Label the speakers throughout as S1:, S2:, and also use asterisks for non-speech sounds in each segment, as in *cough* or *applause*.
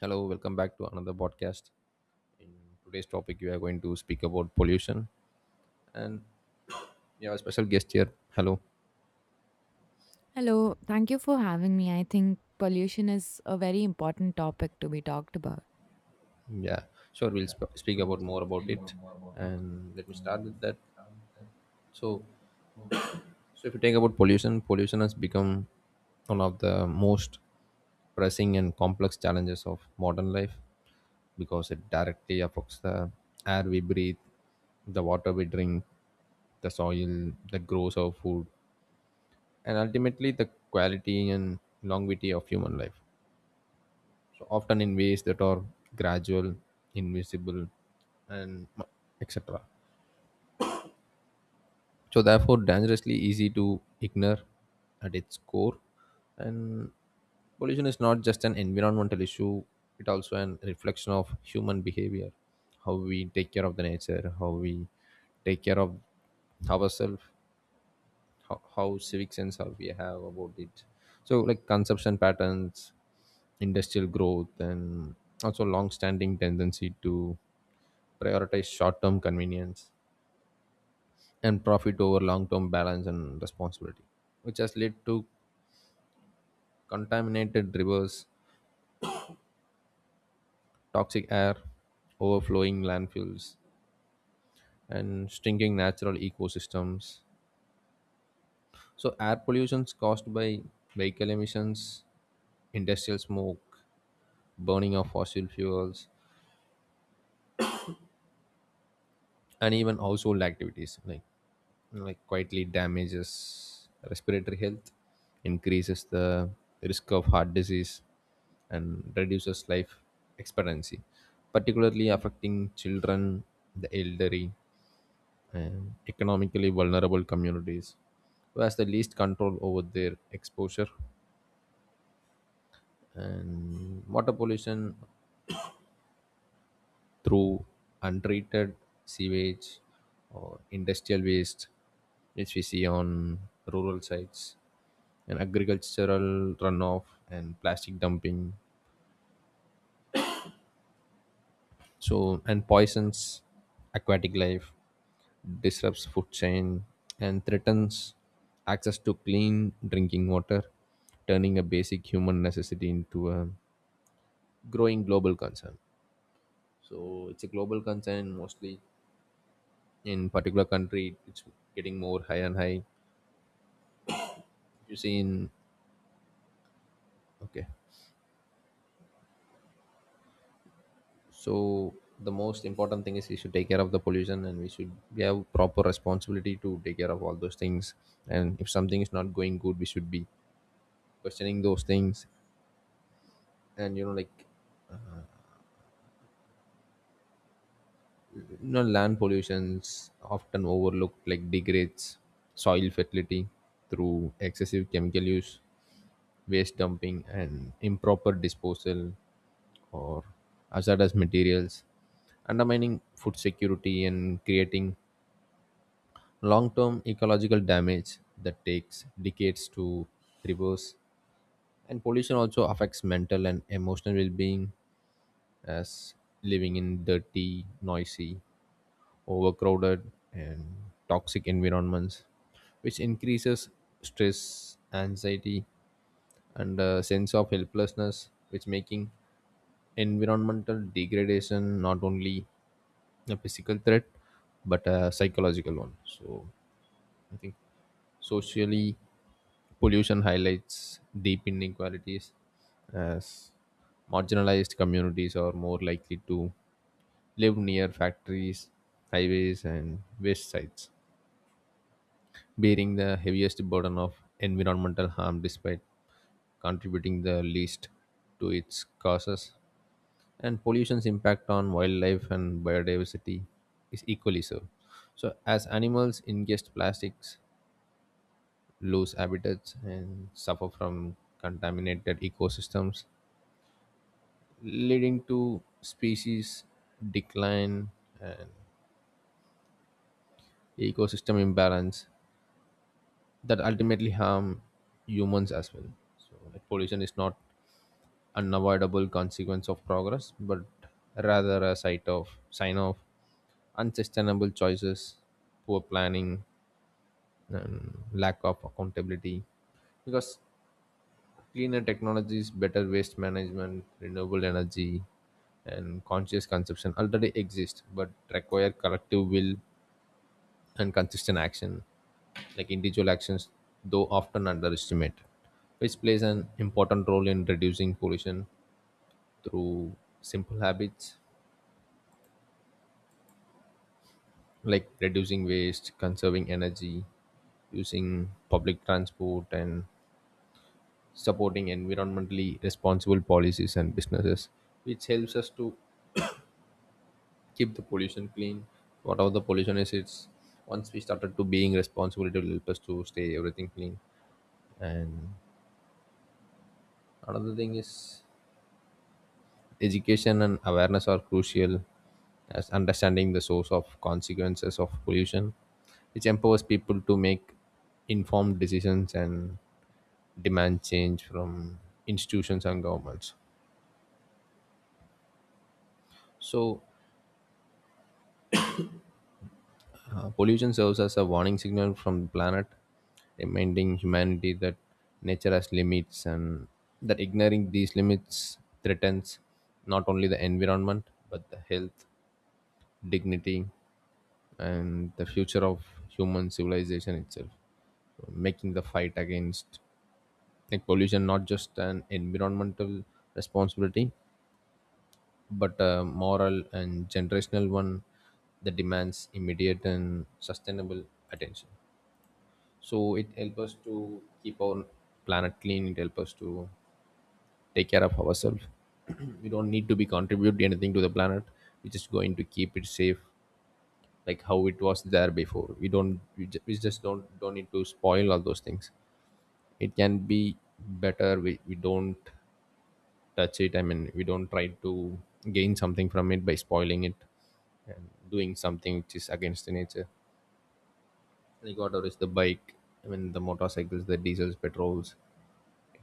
S1: Hello, welcome back to another podcast. In today's topic, we are going to speak about pollution, and we have a special guest here. Hello.
S2: Hello, thank you for having me. I think pollution is a very important topic to be talked about.
S1: Yeah, sure. We'll speak about more about it, and let me start with that. So, so, if you think about pollution, pollution has become one of the most pressing and complex challenges of modern life, because it directly affects the air we breathe, the water we drink, the soil that grows our food, and ultimately the quality and longevity of human life. So often in ways that are gradual, invisible, and etc. So therefore, dangerously easy to ignore at its core. And pollution is not just an environmental issue; it also an reflection of human behavior, how we take care of the nature, how we take care of ourselves, how civic sense how we have about it. So like consumption patterns, industrial growth, and also long-standing tendency to prioritize short-term convenience and profit over long-term balance and responsibility, which has led to contaminated rivers, toxic air, overflowing landfills, and shrinking natural ecosystems. So, air pollution is caused by vehicle emissions, industrial smoke, burning of fossil fuels, and even household activities like quietly damages respiratory health, increases the risk of heart disease, and reduces life expectancy, particularly affecting children, the elderly, and economically vulnerable communities who has the least control over their exposure. And water pollution through untreated sewage or industrial waste, which we see on rural sites, and agricultural runoff and plastic dumping. So, and poisons aquatic life, disrupts food chain, and threatens access to clean drinking water, turning a basic human necessity into a growing global concern. So, it's a global concern. Mostly in particular country it's getting more high and high, you see in, okay, so the most important thing is we should take care of the pollution, and we should, we have proper responsibility to take care of all those things. And if something is not going good, we should be questioning those things. And you know, land pollutions often overlooked, like degrades soil fertility through excessive chemical use, waste dumping, and improper disposal or hazardous materials, undermining food security and creating long term ecological damage that takes decades to reverse. And pollution also affects mental and emotional well being, as living in dirty, noisy, overcrowded, and toxic environments, which increases stress, anxiety, and a sense of helplessness, which making environmental degradation not only a physical threat but a psychological one. So I think socially pollution highlights deep inequalities, as marginalized communities are more likely to live near factories, highways, and waste sites, bearing the heaviest burden of environmental harm despite contributing the least to its causes. And pollution's impact on wildlife and biodiversity is equally so. So, as animals ingest plastics, lose habitats, and suffer from contaminated ecosystems, leading to species decline and ecosystem imbalance that ultimately harm humans as well. So, like pollution is not unavoidable consequence of progress, but rather a site of sign of unsustainable choices, poor planning, and lack of accountability. Because cleaner technologies, better waste management, renewable energy, and conscious consumption already exist but require collective will and consistent action, like individual actions, though often underestimated, which plays an important role in reducing pollution through simple habits like reducing waste, conserving energy, using public transport, and supporting environmentally responsible policies and businesses, which helps us to keep the pollution clean. Whatever the pollution is, it's, once we started to being responsible, it will help us to stay everything clean. And another thing is, education and awareness are crucial, as understanding the source of consequences of pollution, which empowers people to make informed decisions and demand change from institutions and governments. So pollution serves as a warning signal from the planet, reminding humanity that nature has limits and that ignoring these limits threatens not only the environment but the health, dignity, and the future of human civilization itself. So, making the fight against like pollution not just an environmental responsibility but a moral and generational one that demands immediate and sustainable attention. So it helps us to keep our planet clean, it helps us to take care of ourselves. *clears throat* We don't need to be contribute anything to the planet. We're just going to keep it safe, like how it was there before. We don't we, we just don't need to spoil all those things. It can be better. We don't touch it. I mean, we don't try to gain something from it by spoiling it and doing something which is against the nature. Like whatever is the bike, I mean the motorcycles, the diesels, petrols,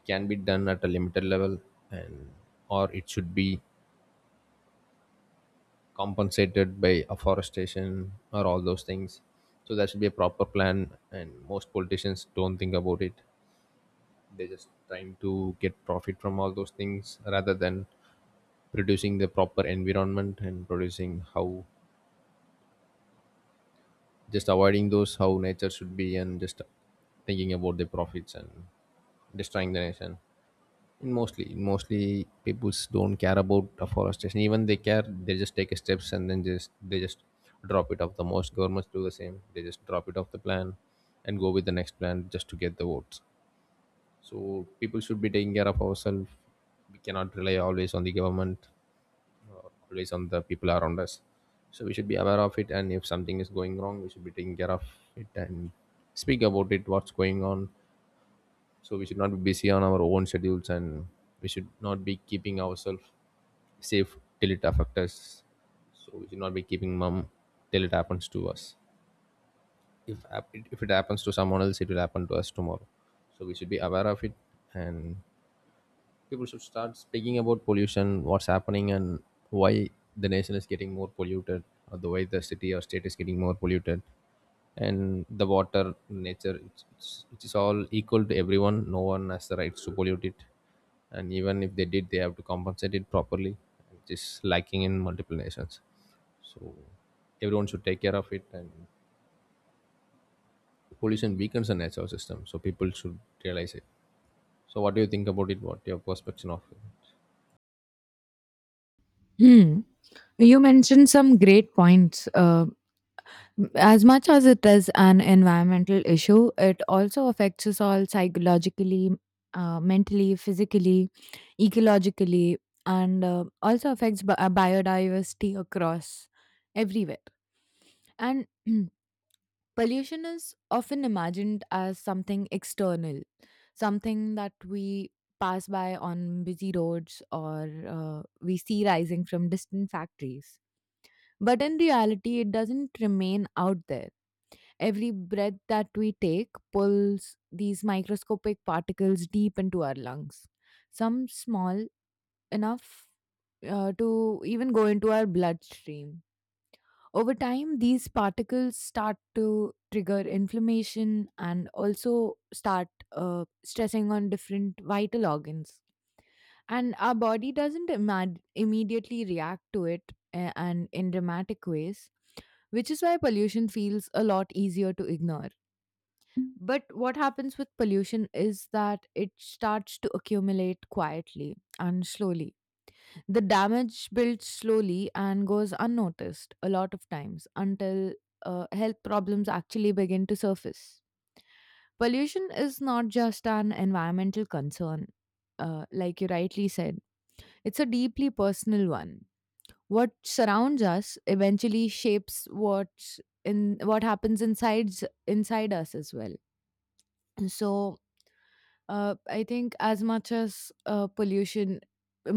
S1: can be done at a limited level, and or it should be compensated by afforestation or all those things. So that should be a proper plan, and most politicians don't think about it. They're just trying to get profit from all those things rather than producing the proper environment and producing how, just avoiding those how nature should be, and just thinking about the profits and destroying the nation. Mostly, peoples don't care about afforestation. Even they care, they just take steps, and then just they just drop it off. The most governments do the same. They just drop it off the plan and go with the next plan just to get the votes. So people should be taking care of ourselves. We cannot rely always on the government, or always on the people around us. So we should be aware of it. And if something is going wrong, we should be taking care of it and speak about it. What's going on? So we should not be busy on our own schedules, and we should not be keeping ourselves safe till it affects us. So we should not be keeping mum till it happens to us. If it happens to someone else, it will happen to us tomorrow. So we should be aware of it. And people should start speaking about pollution, what's happening, and why the nation is getting more polluted, or the way the city or state is getting more polluted. And the water, nature, it is all equal to everyone. No one has the rights to pollute it, and even if they did, they have to compensate it properly, which is lacking in multiple nations. So everyone should take care of it, and pollution weakens the natural system. So people should realize it. So what do you think about it? What your perspective of it?
S2: Hmm. You mentioned some great points. As much as it is an environmental issue, it also affects us all psychologically, mentally, physically, ecologically, and also affects biodiversity across everywhere. And *clears throat* pollution is often imagined as something external, something that we pass by on busy roads, or we see rising from distant factories. But in reality, it doesn't remain out there. Every breath that we take pulls these microscopic particles deep into our lungs, some small enough to even go into our bloodstream over time. These particles start to trigger inflammation and also start stressing on different vital organs. And our body doesn't immediately react to it, and in dramatic ways, which is why pollution feels a lot easier to ignore. But what happens with pollution is that it starts to accumulate quietly and slowly. The damage builds slowly and goes unnoticed a lot of times until health problems actually begin to surface. Pollution is not just an environmental concern, like you rightly said, it's a deeply personal one. What surrounds us eventually shapes what happens inside us as well. So I think as much as pollution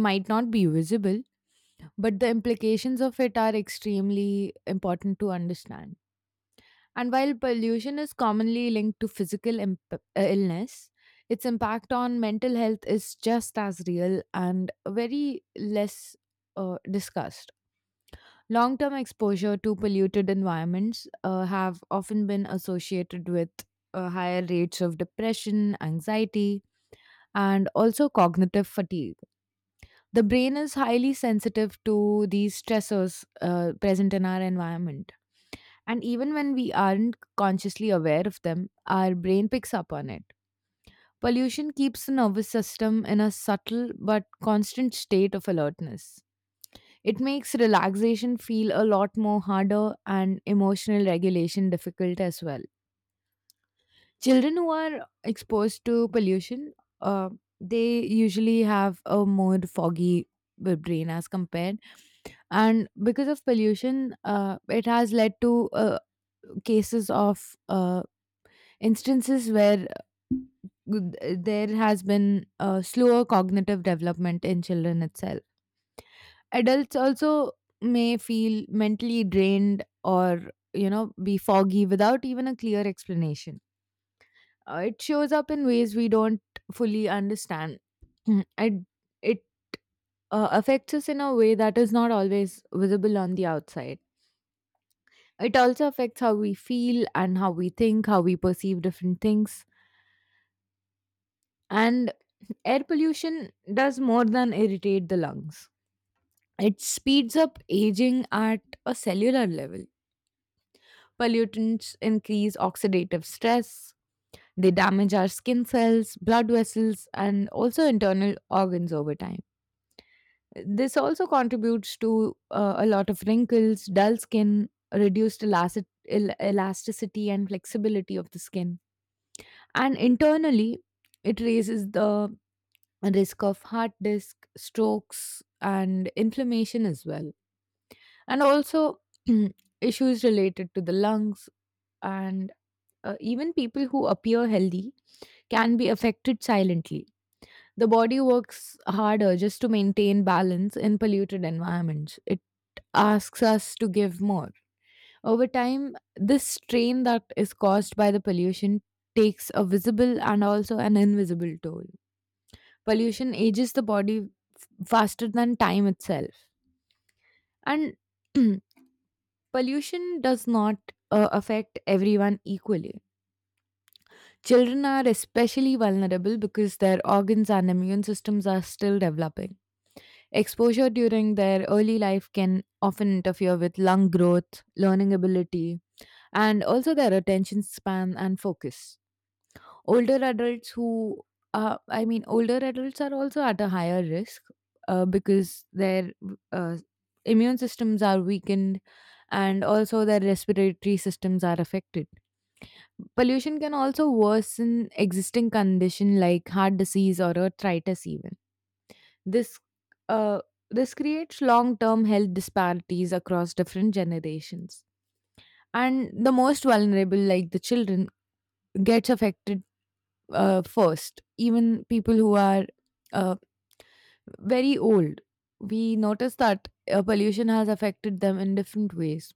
S2: might not be visible, but the implications of it are extremely important to understand. And while pollution is commonly linked to physical illness, its impact on mental health is just as real and very less discussed. Long term exposure to polluted environments have often been associated with higher rates of depression, anxiety, and also cognitive fatigue. The brain is highly sensitive to these stressors present in our environment. And even when we aren't consciously aware of them, our brain picks up on it. Pollution keeps the nervous system in a subtle but constant state of alertness. It makes relaxation feel a lot more harder and emotional regulation difficult as well. Children who are exposed to pollution, uh, they usually have a more foggy brain as compared. And because of pollution, it has led to cases of, instances where there has been a slower cognitive development in children itself. Adults also may feel mentally drained or, you know, be foggy without even a clear explanation. Uh, it shows up in ways we don't fully understand. Mm, it affects us in a way that is not always visible on the outside. It also affects how we feel and how we think, how we perceive different things. And air pollution does more than irritate the lungs. It speeds up aging at a cellular level. Pollutants increase oxidative stress. They damage our skin cells, blood vessels, and also internal organs over time. This also contributes to a lot of wrinkles, dull skin, reduced elasticity, and flexibility of the skin. And internally, it raises the risk of heart disk, strokes, and inflammation as well. And also, *clears throat* issues related to the lungs. And even people who appear healthy can be affected silently. The body works harder just to maintain balance in polluted environments. It asks us to give more. Over time, this strain that is caused by the pollution takes a visible and also an invisible toll. Pollution ages the body faster than time itself. And *clears throat* pollution does not affect everyone equally. Children are especially vulnerable because their organs and immune systems are still developing. Exposure during their early life can often interfere with lung growth, learning ability, and also their attention span and focus. Older adults who older adults are also at a higher risk because their uh, immune systems are weakened and also their respiratory systems are affected. Pollution can also worsen existing condition like heart disease or arthritis even. This uh, this creates long-term health disparities across different generations, and the most vulnerable, like the children, gets affected first. Even people who are uh, very old, we notice that pollution has affected them in different ways,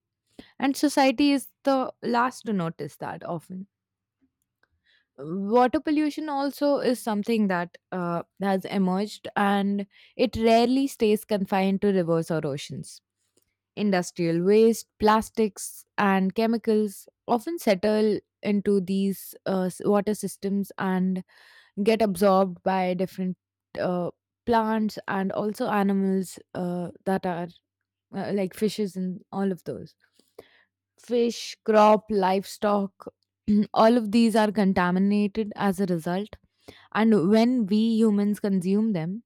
S2: and society is the last to notice that often. Water pollution also is something that has emerged, and it rarely stays confined to rivers or oceans. Industrial waste, plastics, and chemicals often settle into these water systems and get absorbed by different uh, plants and also animals that are like fishes and all of those. Fish, crop, livestock, *clears throat* all of these are contaminated as a result. And when we humans consume them,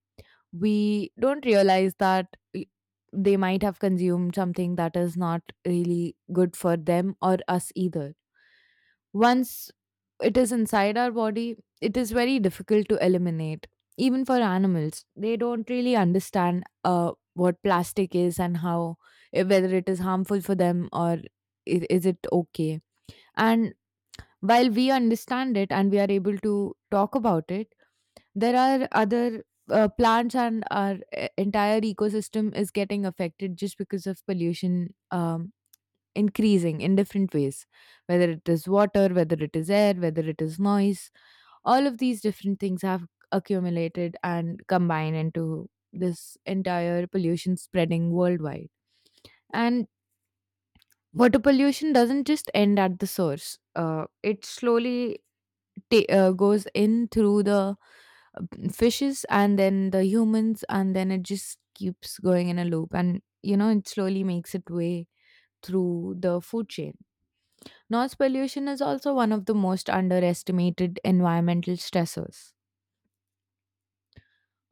S2: we don't realize that i- they might have consumed something that is not really good for them or us either. Once it is inside our body, it is very difficult to eliminate. Even for animals, they don't really understand what plastic is and how, eh, whether it is harmful for them or is it okay. And while we understand it and we are able to talk about it, there are other plants, and our entire ecosystem is getting affected just because of pollution increasing in different ways, whether it is water, whether it is air, whether it is noise. All of these different things have accumulated and combined into this entire pollution spreading worldwide. And water pollution doesn't just end at the source. Uh, it slowly goes in through the uh, fishes and then the humans, and then it just keeps going in a loop, and you know, it slowly makes its way through the food chain. Noise pollution is also one of the most underestimated environmental stressors.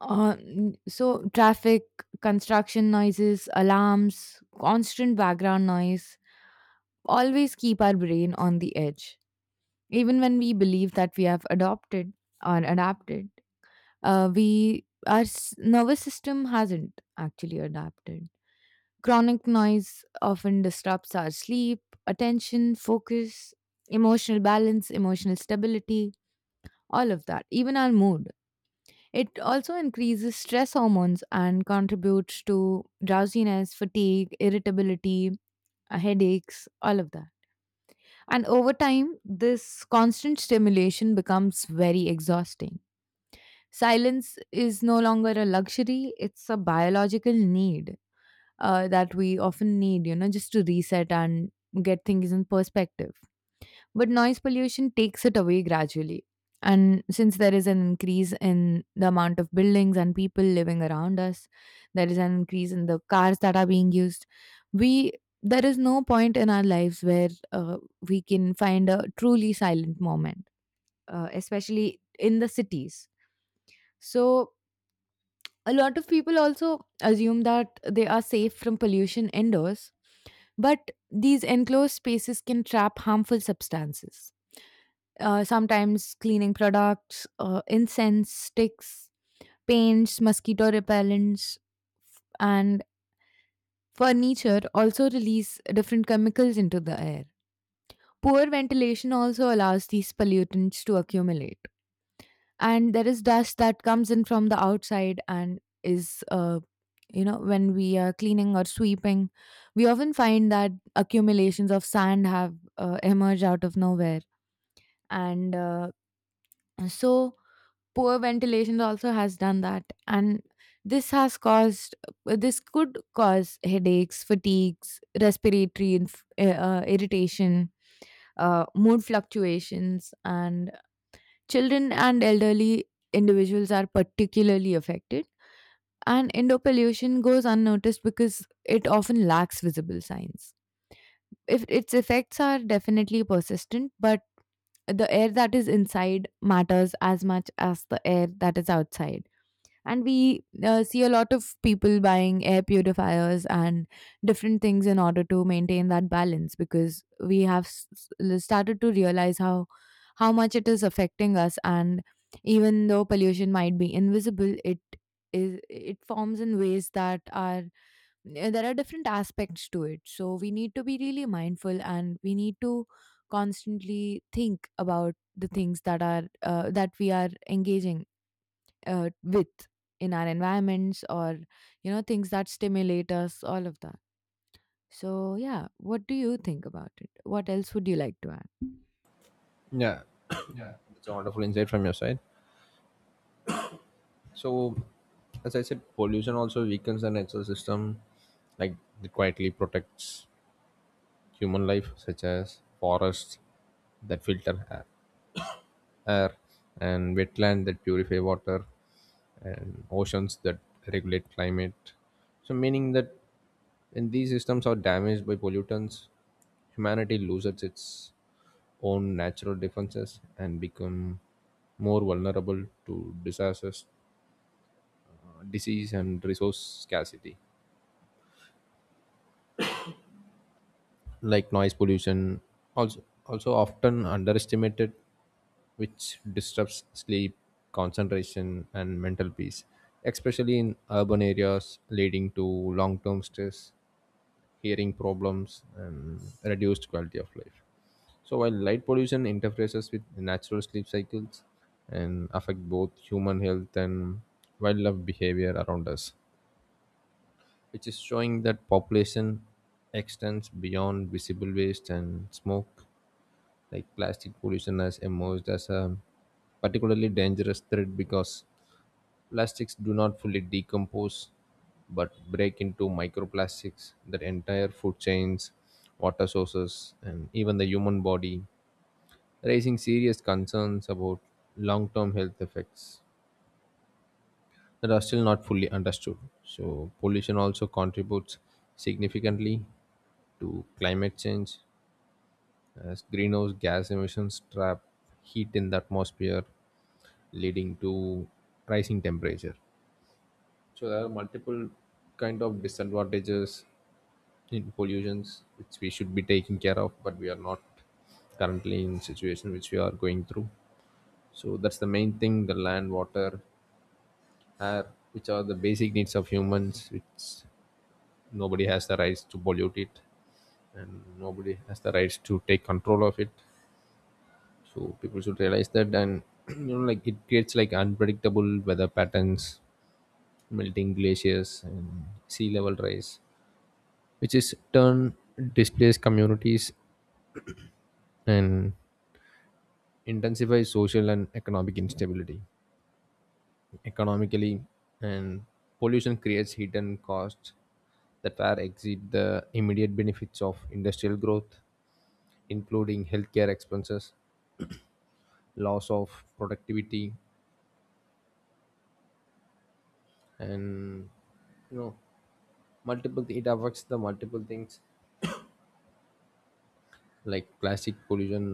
S2: So traffic, construction noises, alarms, constant background noise always keep our brain on the edge. Even when we believe that we have adopted or adapted, nervous system hasn't actually adapted. Chronic noise often disrupts our sleep, attention, focus, emotional balance, emotional stability, all of that, even our mood. It also increases stress hormones and contributes to drowsiness, fatigue, irritability, headaches, all of that. And over time, this constant stimulation becomes very exhausting. Silence is no longer a luxury, it's a biological need that we often need, you know, just to reset and get things in perspective. But noise pollution takes it away gradually. And since there is an increase in the amount of buildings and people living around us, there is an increase in the cars that are being used. We There is no point in our lives where we can find a truly silent moment, especially in the cities. So a lot of people also assume that they are safe from pollution indoors, but these enclosed spaces can trap harmful substances. Sometimes cleaning products, incense sticks, paints, mosquito repellents, and furniture also release different chemicals into the air. Poor ventilation also allows these pollutants to accumulate, and there is dust that comes in from the outside. And is you know, when we are cleaning or sweeping, we often find that accumulations of sand have emerged out of nowhere. And uh, so poor ventilation also has done that, and this has caused, this could cause headaches, fatigues, respiratory irritation, mood fluctuations, and children and elderly individuals are particularly affected, and endopollution goes unnoticed because it often lacks visible signs. If its effects are definitely persistent, but the air that is inside matters as much as the air that is outside. And we see a lot of people buying air purifiers and different things in order to maintain that balance, because we have started to realize how much it is affecting us. And even though pollution might be invisible, it forms in ways that are, there are different aspects to it. So we need to be really mindful, and we need to constantly think about the things that are, that we are engaging with in our environments, or you know, things that stimulate us, all of that. So yeah, what do you think about it? What else would you like to add?
S1: Yeah, it's a wonderful insight from your side. So, as I said, pollution also weakens the natural system, like it quietly protects human life, such as forests that filter air, and wetland that purify water, and oceans that regulate climate. So, meaning that when these systems are damaged by pollutants, humanity loses its own natural defenses and become more vulnerable to disasters, disease, and resource scarcity. Like noise pollution also often underestimated, which disrupts sleep, concentration, and mental peace, especially in urban areas, leading to long-term stress, hearing problems, and reduced quality of life. So while light pollution interferes with natural sleep cycles and affect both human health and wildlife behavior around us, which is showing that population extends beyond visible waste and smoke. Like plastic pollution has emerged as a particularly dangerous threat because plastics do not fully decompose but break into microplastics that entire food chains, water sources, and even the human body, raising serious concerns about long-term health effects that are still not fully understood. So pollution also contributes significantly to climate change, as greenhouse gas emissions trap heat in the atmosphere, leading to rising temperature. So there are multiple kind of disadvantages in pollutions which we should be taking care of, but we are not currently in situation which we are going through. So that's the main thing, the land, water, air, which are the basic needs of humans, which nobody has the rights to pollute it, and nobody has the rights to take control of it. So people should realize that, and *clears throat* you know, like it creates like unpredictable weather patterns, melting glaciers, and sea level rise, which is turn displaced communities and intensifies social and economic instability. Economically, and pollution creates hidden costs that far exceed the immediate benefits of industrial growth, including healthcare expenses, loss of productivity, and you know multiple it affects the multiple things, like plastic pollution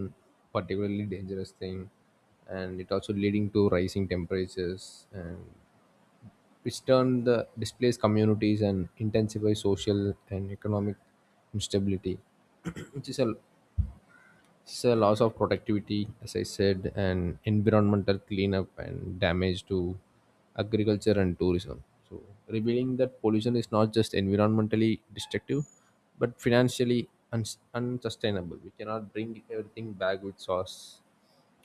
S1: particularly dangerous thing, and it also leading to rising temperatures and which turn the displaced communities and intensify social and economic instability. *clears throat* Which is a, it's a loss of productivity, as I said, and environmental cleanup and damage to agriculture and tourism. So, revealing that pollution is not just environmentally destructive, but financially unsustainable. We cannot bring everything back with source.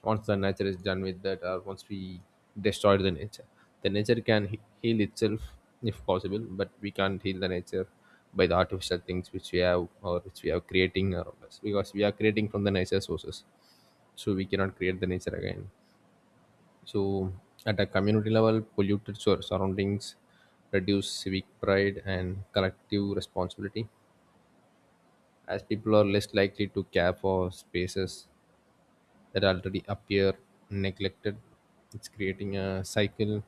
S1: Once the nature is done with that, or once we destroy the nature, the nature can heal itself if possible, but we can't heal the nature by the artificial things which we have or which we are creating around us, because we are creating from the nature sources. So we cannot create the nature again. So at a community level, polluted surroundings reduce civic pride and collective responsibility, as people are less likely to care for spaces that already appear neglected. It's creating a cycle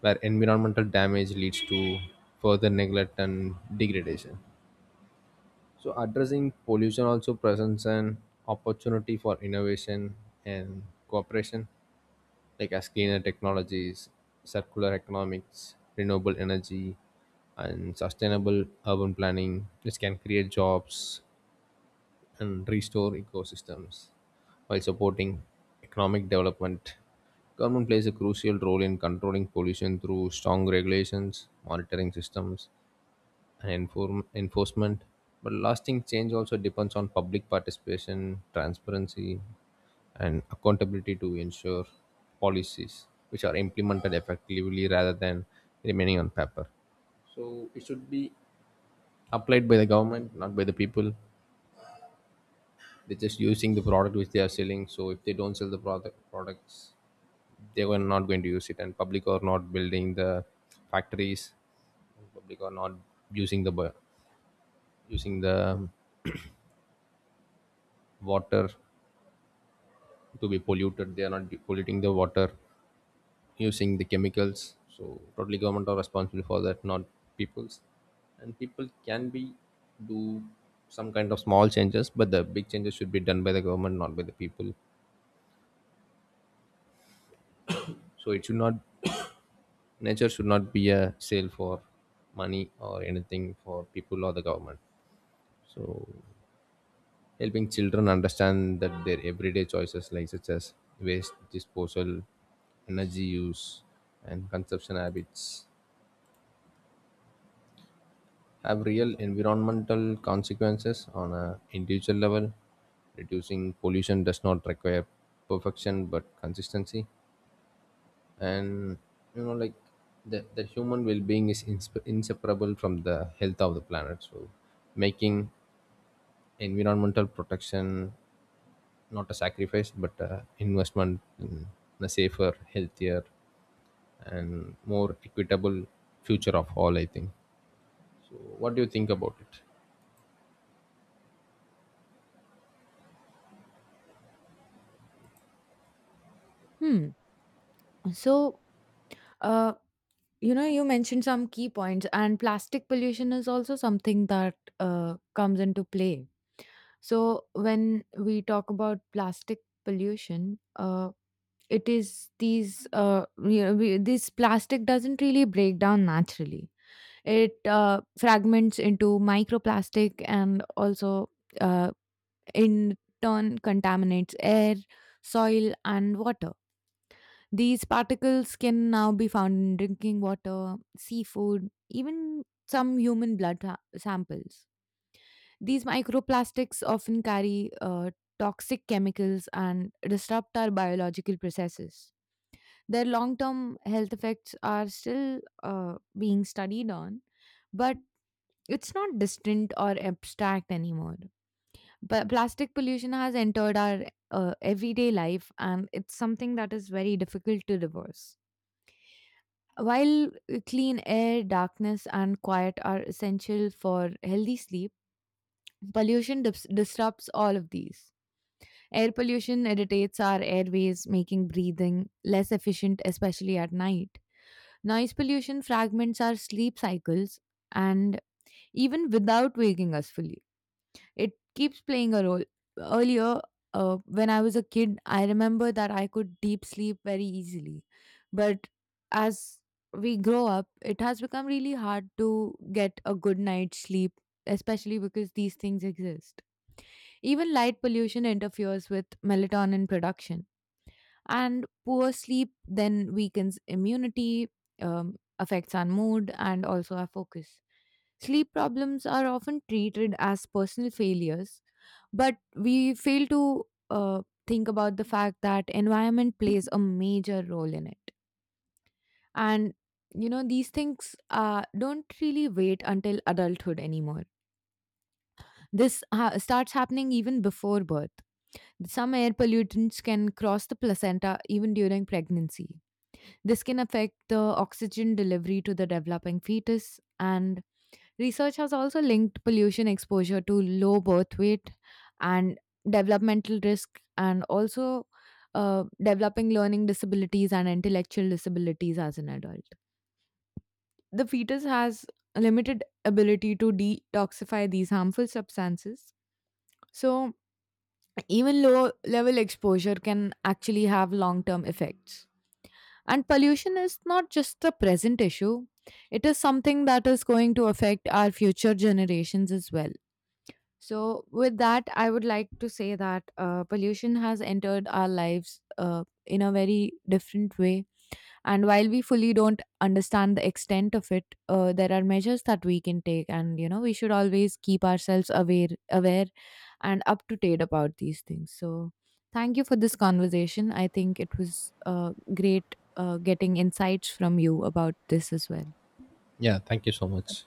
S1: where environmental damage leads to further neglect and degradation. So, addressing pollution also presents an opportunity for innovation and cooperation, like as cleaner technologies, circular economics, renewable energy, and sustainable urban planning, which can create jobs and restore ecosystems. While supporting economic development, government plays a crucial role in controlling pollution through strong regulations, monitoring systems, and enforcement. But lasting change also depends on public participation, transparency, and accountability to ensure policies which are implemented effectively rather than remaining on paper. So it should be applied by the government, not by the people. They're just using the product which they are selling, so if they don't sell the products, they were not going to use it. And public are not building the factories, public are not using the using the water to be polluted, they are not polluting the water using the chemicals. So totally government are responsible for that, not peoples. And people can be do some kind of small changes, but the big changes should be done by the government, not by the people. So it should not, *coughs* nature should not be a sale for money or anything for people or the government. So helping children understand that their everyday choices like such as waste disposal, energy use, and consumption habits have real environmental consequences on a individual level. Reducing pollution does not require perfection but consistency. And you know like the human well-being is inseparable from the health of the planet. So making environmental protection not a sacrifice but a investment in a safer, healthier, and more equitable future of all, I think. So what do you think about it?
S2: Hmm. So uh you know, you mentioned some key points, and plastic pollution is also something that comes into play. So when we talk about plastic pollution, it is these you know, this plastic doesn't really break down naturally. It fragments into microplastic and also, uh, in turn, contaminates air, soil, and water. These particles can now be found in drinking water, seafood, even some human blood samples. These microplastics often carry toxic chemicals and disrupt our biological processes. Their long term health effects are still being studied on, but it's not distant or abstract anymore. But plastic pollution has entered our everyday life, and it's something that is very difficult to reverse. While clean air, darkness, and quiet are essential for healthy sleep, pollution disrupts all of these. Air pollution irritates our airways, making breathing less efficient, especially at night. Noise pollution fragments our sleep cycles, and even without waking us fully, it keeps playing a role. Earlier, when I was a kid, I remember that I could deep sleep very easily. But as we grow up, it has become really hard to get a good night's sleep, especially because these things exist. Even light pollution interferes with melatonin production, and poor sleep then weakens immunity, affects our mood and also our focus. Sleep problems are often treated as personal failures, but we fail to think about the fact that environment plays a major role in it. And you know, these things don't really wait until adulthood anymore. This starts happening even before birth. Some air pollutants can cross the placenta even during pregnancy. This can affect the oxygen delivery to the developing fetus. And research has also linked pollution exposure to low birth weight and developmental risk, and also developing learning disabilities and intellectual disabilities as an adult. The fetus has a limited ability to detoxify these harmful substances. So, even low level exposure can actually have long term effects. And pollution is not just a present issue, it is something that is going to affect our future generations as well. So, with that, I would like to say that pollution has entered our lives in a very different way, and while we fully don't understand the extent of it, there are measures that we can take, and you know, we should always keep ourselves aware, and up to date about these things. So, thank you for this conversation. I think it was great getting insights from you about this as well.
S1: Yeah, thank you so much.